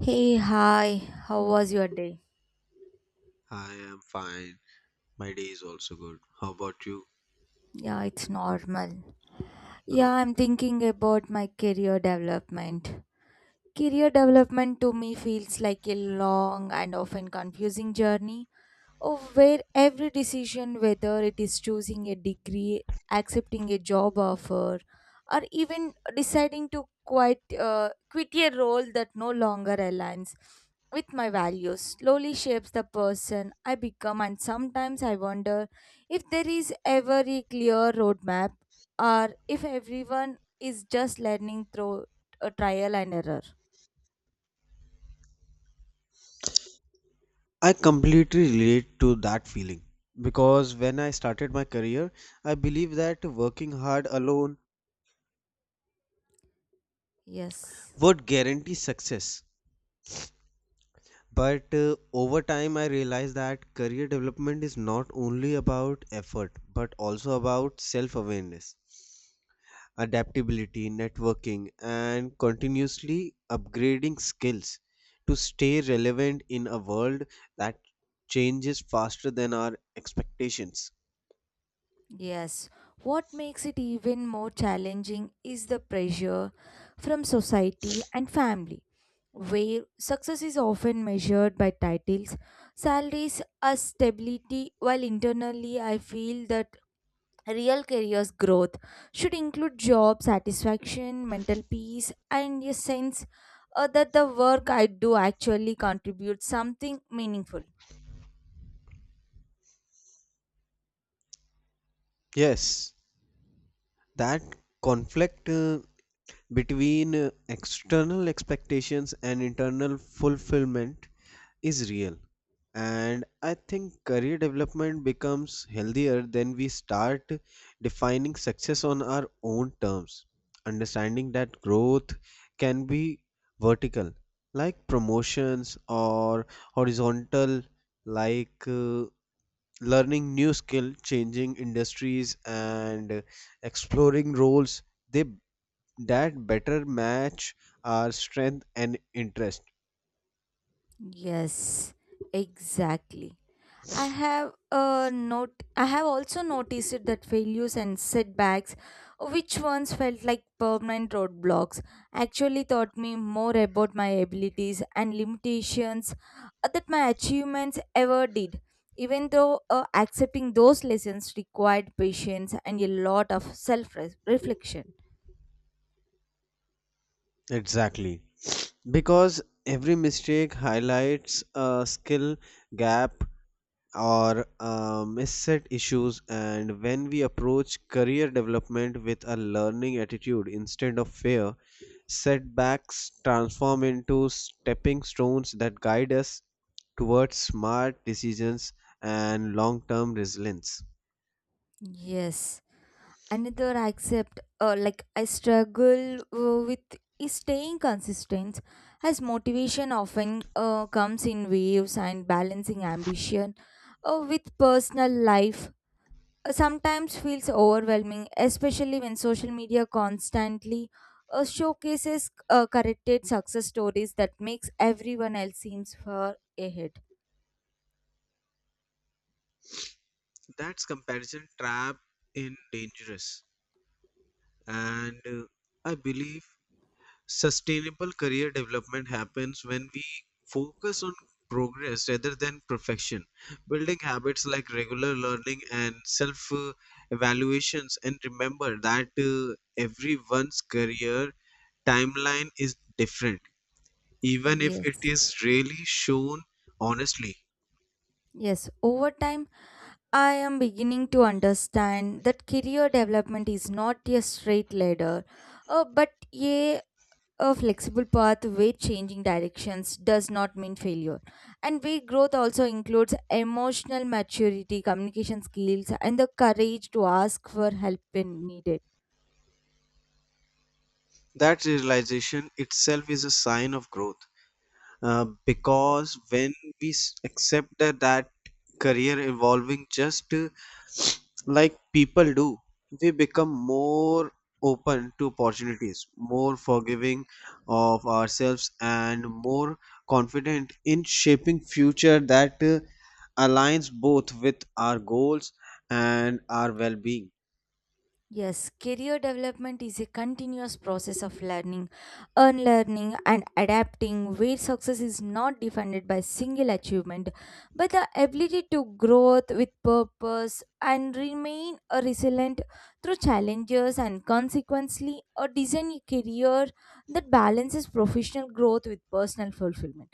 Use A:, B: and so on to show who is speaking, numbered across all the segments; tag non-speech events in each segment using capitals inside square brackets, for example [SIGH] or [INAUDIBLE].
A: Hey, hi, how was your day?
B: I am fine. My day is also good. How about you?
A: Yeah, it's normal.
B: Uh,
A: Yeah, I'm thinking about my career development. Career development to me feels like a long and often confusing journey of where every decision, whether it is choosing a degree, accepting a job offer, or even deciding to quit a role that no longer aligns with my values, slowly shapes the person I become. And sometimes I wonder if there is ever a clear roadmap, or if everyone is just learning through a trial and error.
B: I completely relate to that feeling because when I started my career, I believed that working hard alone
A: Yes.
B: would guarantee success. But over time, I realized that career development is not only about effort but also about self awareness, adaptability, networking, and continuously upgrading skills to stay relevant in a world that changes faster than our expectations.
A: Yes, what makes it even more challenging is the pressure from society and family, where success is often measured by titles, salaries, or stability, while internally I feel that real career's growth should include job satisfaction, mental peace, and a sense that the work I do actually contributes something meaningful.
B: Yes, that conflict between external expectations and internal fulfillment is real. And I think career development becomes healthier when we start defining success on our own terms, understanding that growth can be vertical, like promotions, or horizontal, like learning new skill, changing industries, and exploring roles they that better match our strength and interest.
A: Yes, exactly. I have also noticed it that failures and setbacks, which once felt like permanent roadblocks, actually taught me more about my abilities and limitations that my achievements ever did. Even though accepting those lessons required patience and a lot of self reflection.
B: Exactly. Because every mistake highlights a skill gap or misset issues, and when we approach career development with a learning attitude instead of fear, setbacks transform into stepping stones that guide us towards smart decisions and long term resilience.
A: Yes. another I accept like I struggle with is staying consistent as motivation often comes in waves, and balancing ambition with personal life sometimes feels overwhelming, especially when social media constantly showcases corrected success stories that makes everyone else seems far ahead.
B: That's comparison trap in dangerous, and I believe sustainable career development happens when we focus on progress rather than perfection. Building habits like regular learning and self evaluations, and remember that everyone's career timeline is different, even if it
A: Yes.
B: is really shown honestly.
A: Yes. Over time, I am beginning to understand that career development is not a straight ladder, but a flexible path where changing directions does not mean failure. And where growth also includes emotional maturity, communication skills, and the courage to ask for help when needed.
B: That realization itself is a sign of growth. Because when we accept that career evolving just like people do, we become more open to opportunities, more forgiving of ourselves, and more confident in shaping future that aligns both with our goals and our well-being.
A: Yes, career development is a continuous process of learning, unlearning, and adapting, where success is not defined by single achievement but the ability to grow with purpose and remain a resilient through challenges and consequently a design a career that balances professional growth with personal fulfillment.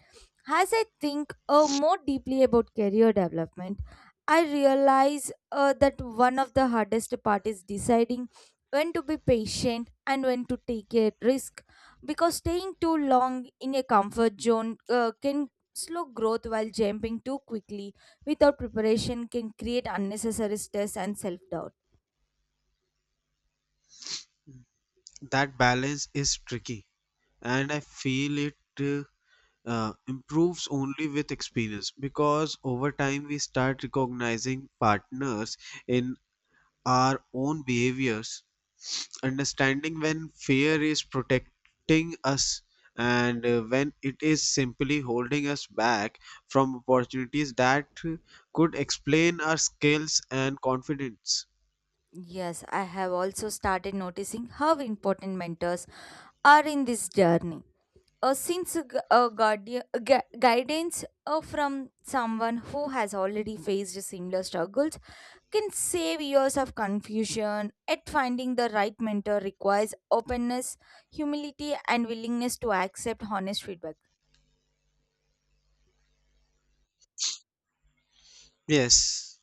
A: As I think more deeply about career development, I realize that one of the hardest part is deciding when to be patient and when to take a risk, because staying too long in a comfort zone can slow growth, while jumping too quickly without preparation can create unnecessary stress and self-doubt.
B: That balance is tricky, and I feel it. uh, improves only with experience because over time we start recognizing patterns in our own behaviors, understanding when fear is protecting us and when it is simply holding us back from opportunities that could explain our skills and confidence.
A: Yes, I have also started noticing how important mentors are in this journey, since a, gu- a guardian a gu- guidance from someone who has already faced similar struggles can save years of confusion at finding the right mentor requires openness, humility and willingness to accept honest feedback.
B: Yes,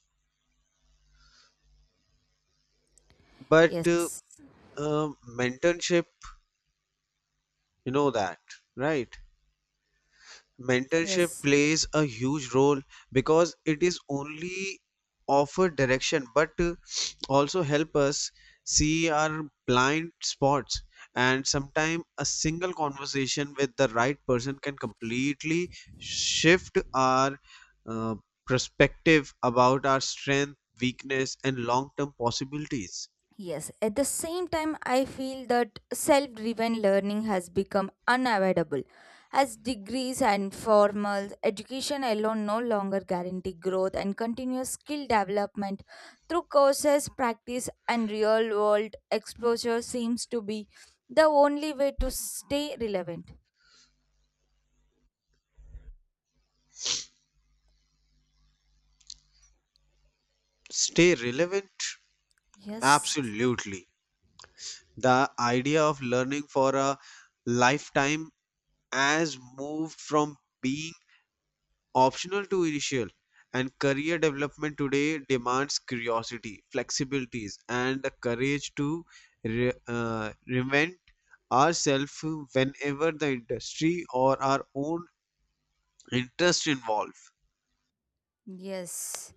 B: but
A: Yes.
B: uh, mentorship, you know that, right? Mentorship
A: Yes.
B: plays a huge role because it is only offer direction but also help us see our blind spots, and sometimes a single conversation with the right person can completely shift our uh, perspective about our strength weakness and long term possibilities.
A: Yes, at the same time, I feel that self driven learning has become unavoidable, as degrees and formal education alone no longer guarantee growth, and continuous skill development through courses, practice, and real world exposure seems to be the only way to stay relevant.
B: Stay relevant,
A: Yes,
B: absolutely. The idea of learning for a lifetime has moved from being optional to initial, and career development today demands curiosity, flexibilities, and the courage to reinvent ourselves whenever the industry or our own interest involve.
A: yes.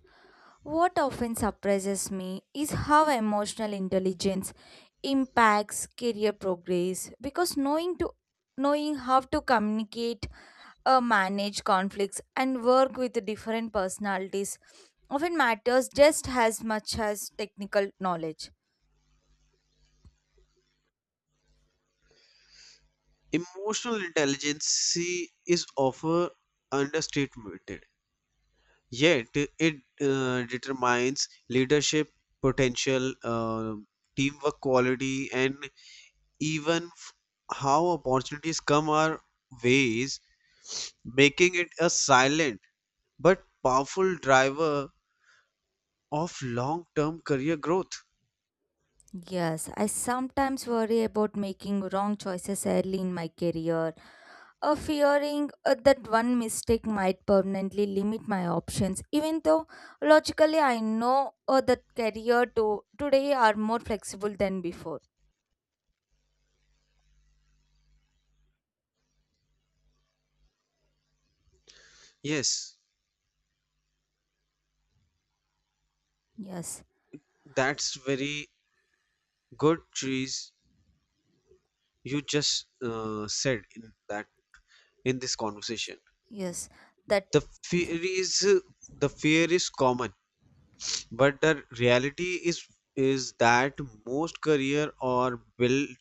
A: What often surprises me is how emotional intelligence impacts career progress, because knowing how to communicate, manage conflicts and work with different personalities often matters just as much as technical knowledge.
B: Emotional intelligence is often understated, yet it determines leadership potential, teamwork quality, and even how opportunities come our ways, making it a silent but powerful driver of long term career growth.
A: Yes, I sometimes worry about making wrong choices early in my career, fearing that one mistake might permanently limit my options, even though logically I know that career to today are more flexible than before.
B: Yes,
A: Yes.
B: that's very good, trees you just said in that in this conversation.
A: Yes, that.
B: The fear is the fear is common but the reality is that most career are built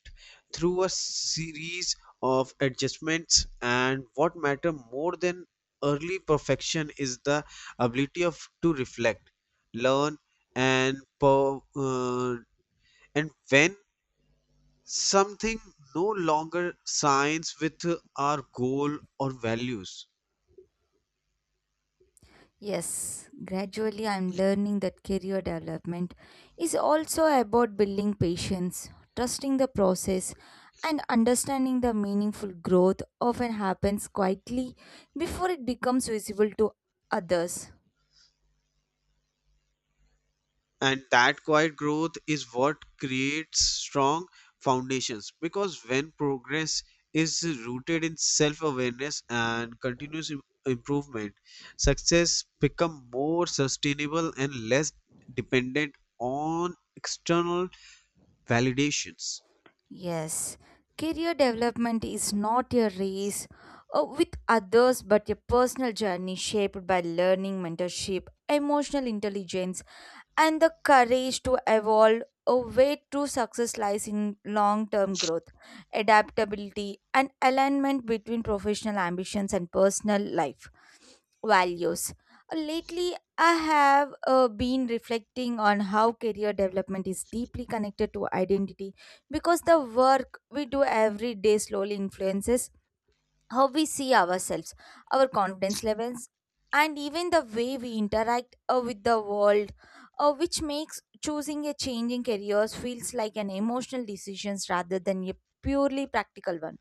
B: through a series of adjustments, and what matter more than early perfection is the ability of to reflect, learn, and and when something no longer signs with our goal or values.
A: Yes, gradually I'm learning that career development is also about building patience, trusting the process, and understanding the meaningful growth often happens quietly before it becomes visible to others.
B: And that quiet growth is what creates strong foundations because when progress is rooted in self awareness and continuous improvement, success become more sustainable and less dependent on external validations.
A: Yes, career development is not a race with others but a personal journey shaped by learning, mentorship, emotional intelligence, and the courage to evolve a way true success lies in long-term growth, adaptability and alignment between professional ambitions and personal life values. Lately I have been reflecting on how career development is deeply connected to identity, because the work we do every day slowly influences how we see ourselves, our confidence levels, and even the way we interact with the world, which makes choosing a change in careers feels like an emotional decision rather than a purely practical one.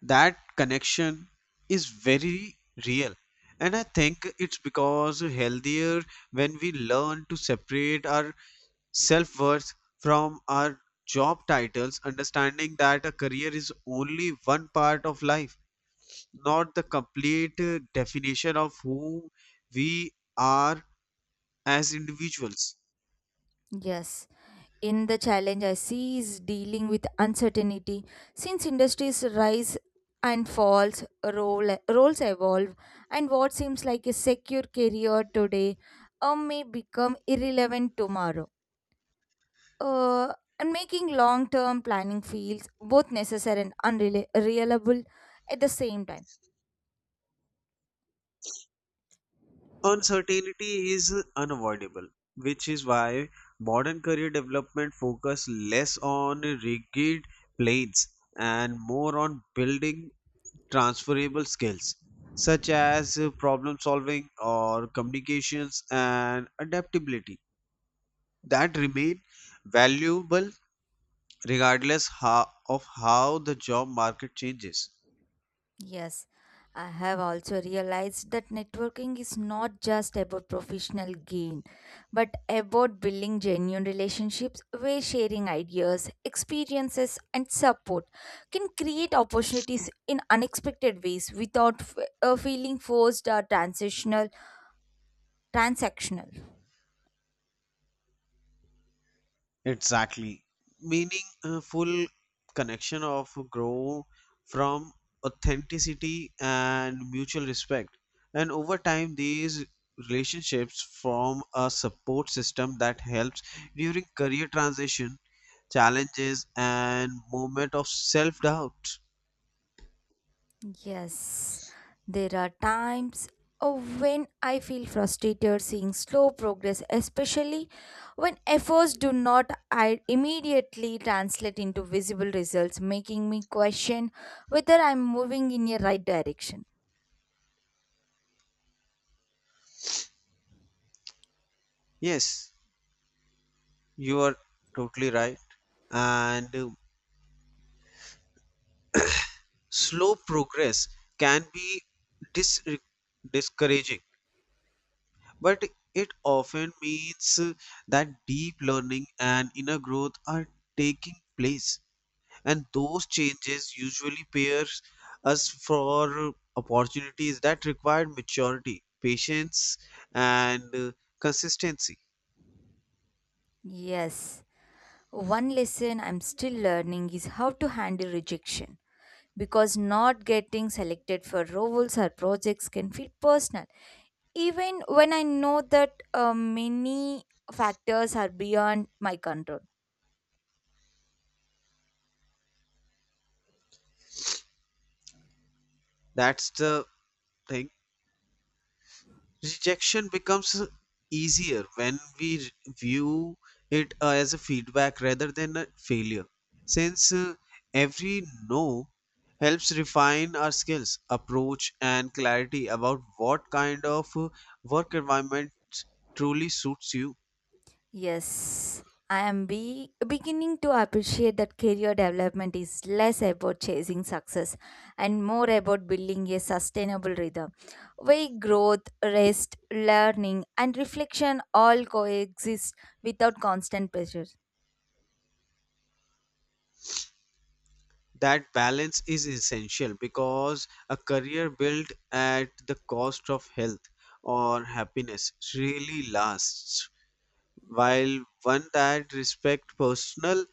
B: That connection is very real, and I think it's because healthier when we learn to separate our self-worth from our job titles, understanding that a career is only one part of life, not the complete definition of who we are as individuals.
A: Yes, in the challenge I see is dealing with uncertainty, since industries rise and falls, roles evolve, and what seems like a secure career today may become irrelevant tomorrow, uh, and making long term planning feels both necessary and unreliable at the same time.
B: Uncertainty is unavoidable, which is why modern career development focus less on rigid plans and more on building transferable skills such as problem solving or communications and adaptability that remain valuable regardless of how the job market changes.
A: Yes, I have also realized that networking is not just about professional gain, but about building genuine relationships where sharing ideas, experiences, and support can create opportunities in unexpected ways without feeling forced or transitional transactional.
B: Exactly. Meaning a full connection of grow from authenticity and mutual respect. And over time, these relationships form a support system that helps during career transition, challenges, and moment of self doubt.
A: Yes, there are times when I feel frustrated seeing slow progress, especially when efforts do not immediately translate into visible results, making me question whether I'm moving in a right direction.
B: Yes, you are totally right. And slow progress can be dis- discouraging. But it often means that deep learning and inner growth are taking place, and those changes usually pairs us for opportunities that require maturity patience and consistency.
A: Yes, one lesson I'm still learning is how to handle rejection, because not getting selected for roles or projects can feel personal, even when I know that many factors are beyond my control.
B: That's the thing. Rejection becomes easier when we view it as a feedback rather than a failure, since every no helps refine our skills, approach, and clarity about what kind of work environment truly suits you.
A: Yes, I am beginning to appreciate that career development is less about chasing success and more about building a sustainable rhythm where growth, rest, learning, and reflection all coexist without constant pressure.
B: That balance is essential because a career built at the cost of health or happiness really lasts, while one that respect personal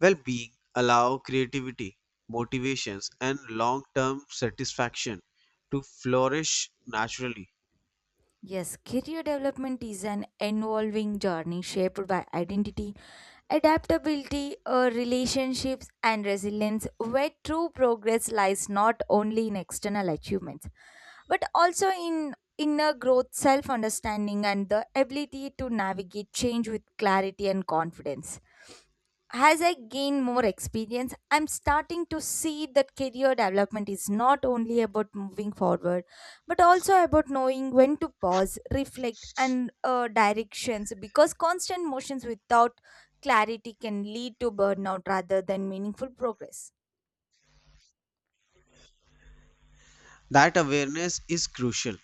B: well-being allow creativity motivations and long-term satisfaction to flourish naturally.
A: Yes, career development is an evolving journey shaped by identity, adaptability, relationships, and resilience, where true progress lies not only in external achievements, but also in inner growth, self understanding, and the ability to navigate change with clarity and confidence. As I gain more experience, I'm starting to see that career development is not only about moving forward, but also about knowing when to pause, reflect, and directions, because constant motions without clarity can lead to burnout rather than meaningful progress.
B: That awareness is crucial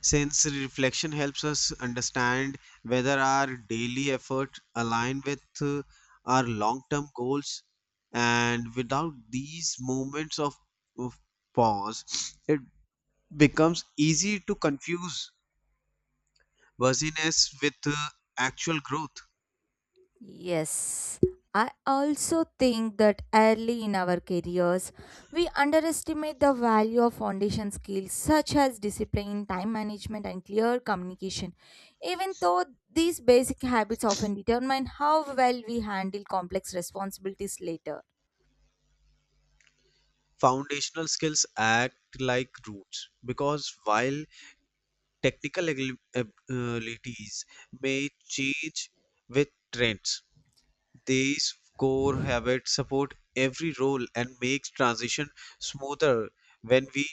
B: since reflection helps us understand whether our daily effort align with our long-term goals, and without these moments of pause [SNIFFS] it becomes easy to confuse busyness with actual growth.
A: Yes, I also think that early in our careers, we underestimate the value of foundation skills such as discipline, time management, and clear communication, even though these basic habits often determine how well we handle complex responsibilities later.
B: Foundational skills act like roots because while technical abilities may change with trends, these core habits support every role and makes transition smoother when we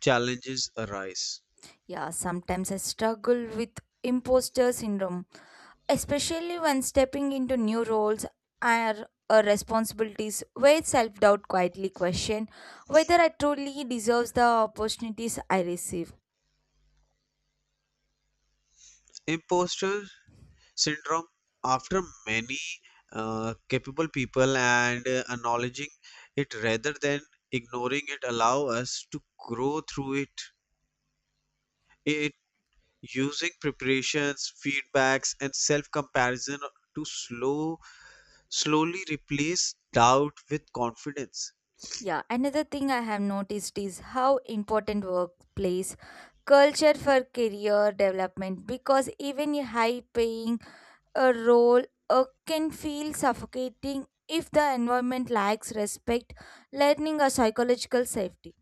B: challenges arise.
A: Yeah, sometimes I struggle with imposter syndrome, especially when stepping into new roles or responsibilities where self-doubt quietly question whether I truly deserves the opportunities I receive.
B: Imposter syndrome after many capable people, and acknowledging it rather than ignoring it allow us to grow through it using preparations feedbacks and self comparison to slowly replace doubt with confidence.
A: Yeah, another thing I have noticed is how important workplace culture for career development, because even a high paying a role can feel suffocating if the environment lacks respect, learning or psychological safety.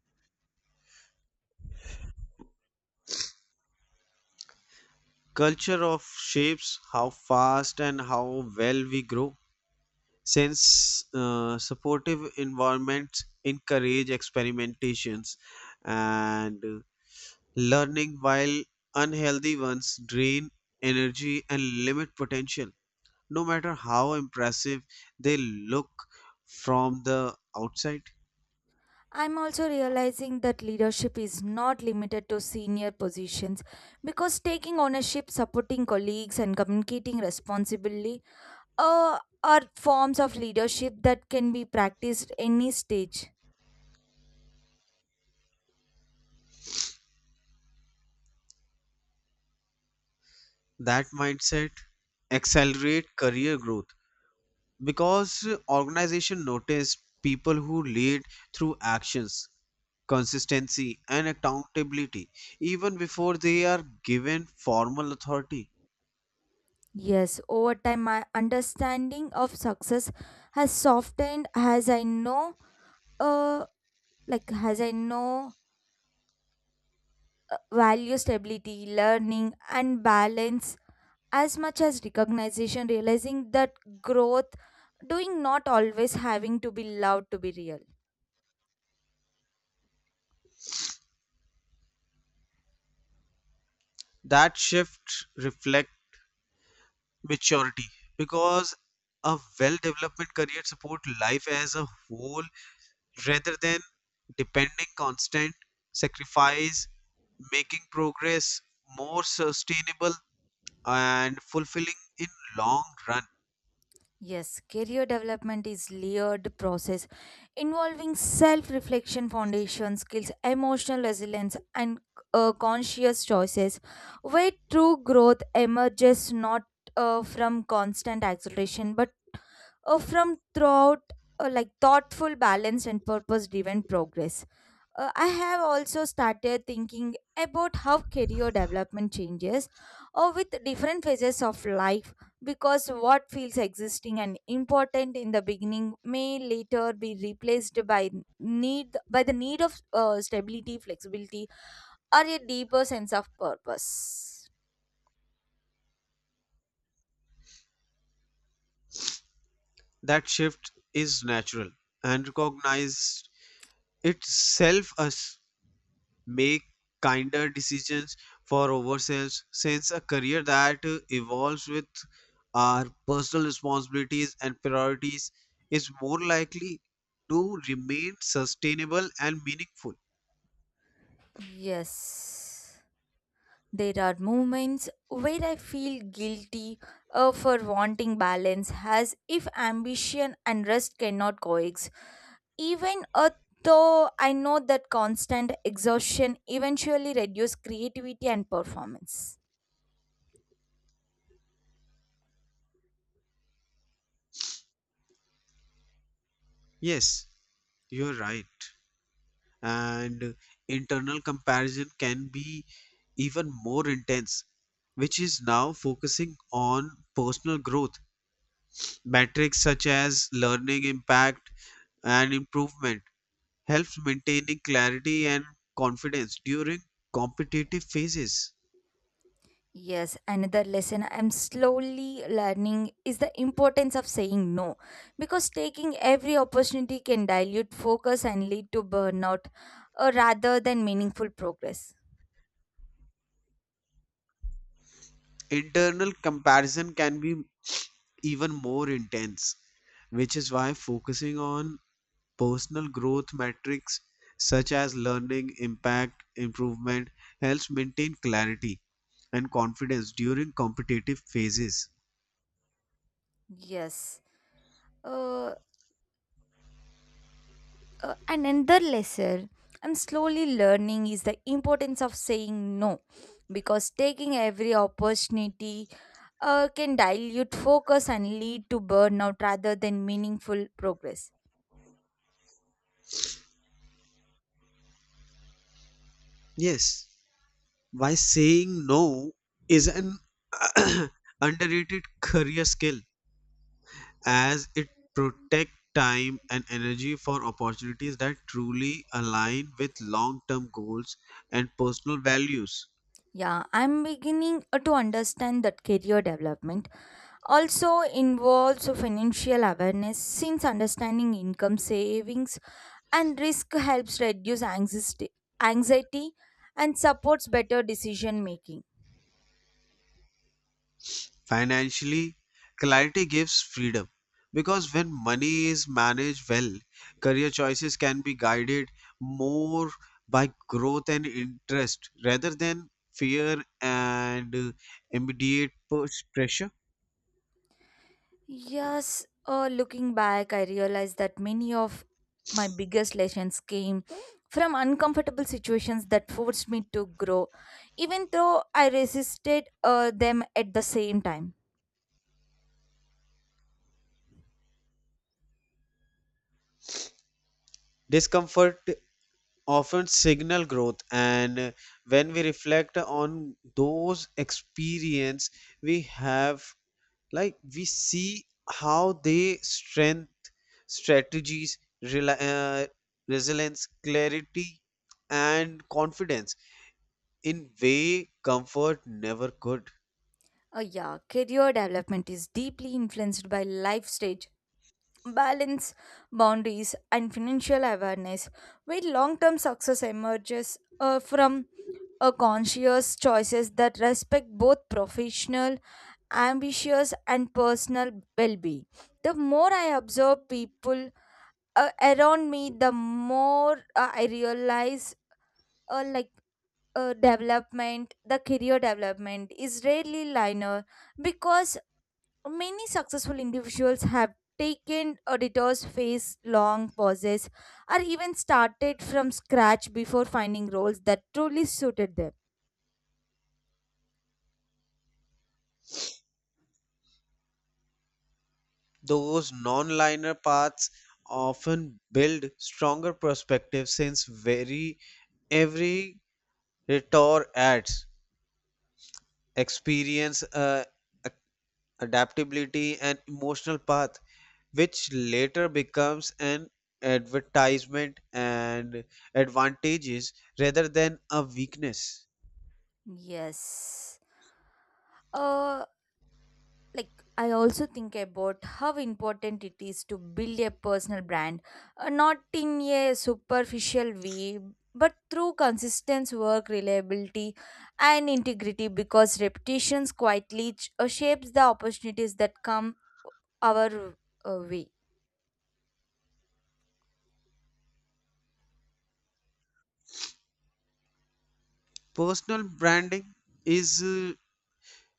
B: Culture of shapes how fast and how well we grow since supportive environments encourage experimentations and learning, while unhealthy ones drain energy and limit potential no matter how impressive they look from the outside.
A: I'm also realizing that leadership is not limited to senior positions, because taking ownership, supporting colleagues, and communicating responsibly uh, are forms of leadership that can be practiced any stage.
B: That mindset accelerate career growth because organization notice people who lead through actions consistency and accountability even before they are given formal authority.
A: Yes, over time, my understanding of success has softened as uh, I know, value stability, learning, and balance as much as recognition, realizing that growth doing not always having to be loud to be real.
B: That shift reflects maturity because a well developed career support life as a whole rather than depending constant sacrifice, making progress more sustainable and fulfilling in long run.
A: Yes, career development is layered process involving self reflection, foundation skills, emotional resilience and conscious choices, where true growth emerges not from constant acceleration but from throughout like thoughtful, balanced and purpose driven progress. I have also started thinking about how career development changes or with different phases of life, because what feels existing and important in the beginning may later be replaced by need by the need of stability, flexibility or a deeper sense of purpose.
B: That shift is natural, and recognized itself as make kinder decisions for ourselves since a career that evolves with our personal responsibilities and priorities is more likely to remain sustainable and meaningful.
A: Yes. There are moments where I feel guilty for wanting balance, as if ambition and rest cannot coexist. Even though I know that constant exhaustion eventually reduces creativity and performance.
B: Yes, you're right. And internal comparison can be even more intense, which is now focusing on personal growth metrics such as learning impact and improvement helps maintaining clarity and confidence during competitive phases.
A: Yes, another lesson I'm slowly learning is the importance of saying no, because taking every opportunity can dilute focus and lead to burnout rather than meaningful progress.
B: Internal comparison can be even more intense, which is why focusing on personal growth metrics such as learning, impact, improvement helps maintain clarity and confidence during competitive phases.
A: Yes. Uh, and another lesson I'm slowly learning is the importance of saying no, because taking every opportunity can dilute focus and lead to burnout rather than meaningful progress.
B: Yes, why saying no is an [CLEARS THROAT] underrated career skill as it protects time and energy for opportunities that truly align with long-term goals and personal values.
A: Yeah, I'm beginning to understand that career development also involves financial awareness, since understanding income, savings and risk helps reduce anxiety and supports better decision making.
B: Financially, clarity gives freedom because when money is managed well, career choices can be guided more by growth and interest rather than fear and immediate push pressure.
A: Yes, looking back, I realized that many of my biggest lessons came from uncomfortable situations that forced me to grow, even though I resisted them at the same time.
B: Discomfort often signal growth, and when we reflect on those experience we have like we see how they strength strategies rela resilience clarity and confidence in way comfort never could.
A: Yeah, career development is deeply influenced by life stage, balance, boundaries, and financial awareness, where long term success emerges from a conscious choices that respect both professional ambitious and personal well-being. The more I observe people around me, the more I realize like development the career development is rarely linear, because many successful individuals have taken auditors' face long pauses or even started from scratch before finding roles that truly suited them.
B: Those non-linear paths often build stronger perspectives since very every retort adds experience, uh, a- adaptability, and emotional path, which later becomes an advertisement and advantages rather than a weakness.
A: Yes. Uh, like I also think about how important it is to build a personal brand, not in a superficial way but through consistent work, reliability and integrity, because reputations quietly shapes the opportunities that come our way.
B: Personal branding is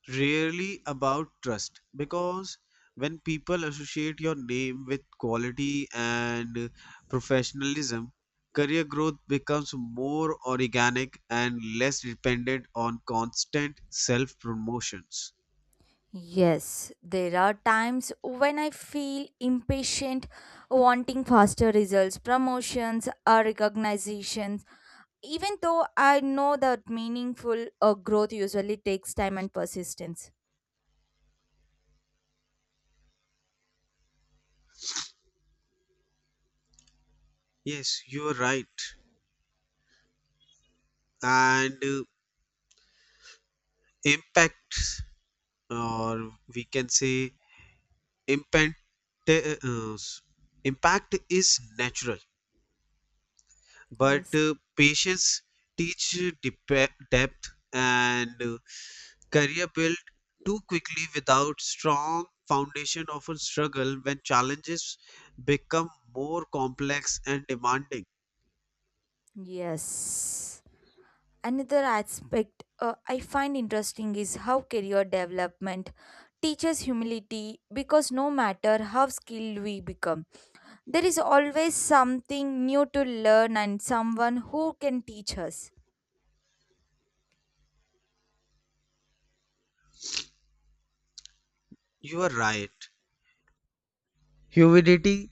B: rarely about trust because when people associate your name with quality and professionalism, career growth becomes more organic and less dependent on constant self promotions.
A: Yes, there are times when I feel impatient, wanting faster results, promotions or recognition. Even though I know that meaningful growth usually takes time and persistence.
B: Yes, you are right. And impact, or we can say, impact, uh, impact is natural but
A: Yes.
B: uh, patience teach depth and career built too quickly without strong foundation often struggle when challenges become more complex and demanding.
A: Yes. Another aspect I find interesting is how career development teaches humility, because no matter how skilled we become, there is always something new to learn and someone who can teach us.
B: You are right, humidity,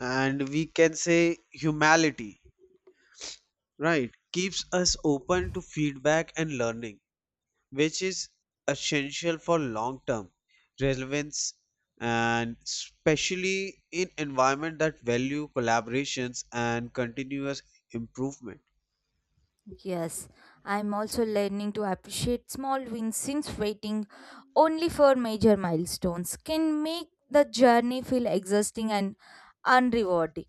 B: and we can say humility, right, keeps us open to feedback and learning, which is essential for long term relevance and especially in environment that value collaborations and continuous improvement.
A: Yes, I'm also learning to appreciate small wins, since waiting only for major milestones can make the journey feel exhausting and unrewarding.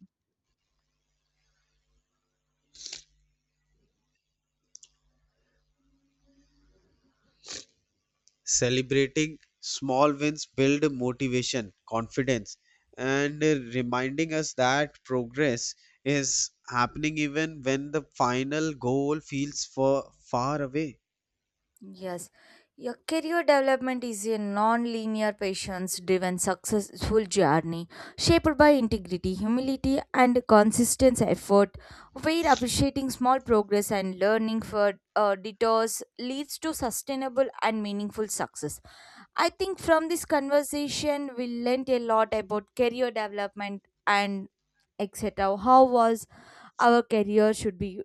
B: Celebrating small wins build motivation confidence and reminding us that progress is happening even when the final goal feels far, far away.
A: Yes, your career development is a non-linear, patience-driven, successful journey shaped by integrity, humility, and consistent effort, where appreciating small progress and learning for detours leads to sustainable and meaningful success. I think from this conversation, we learnt a lot about career development and etc. How was our career should be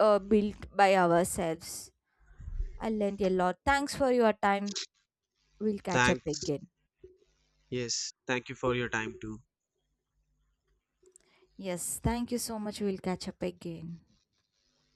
A: built by ourselves. I learnt a lot. Thanks for your time. We'll catch up
B: Thanks.
A: again.
B: Yes, thank you for your time too.
A: Yes, thank you so much. We'll catch up again.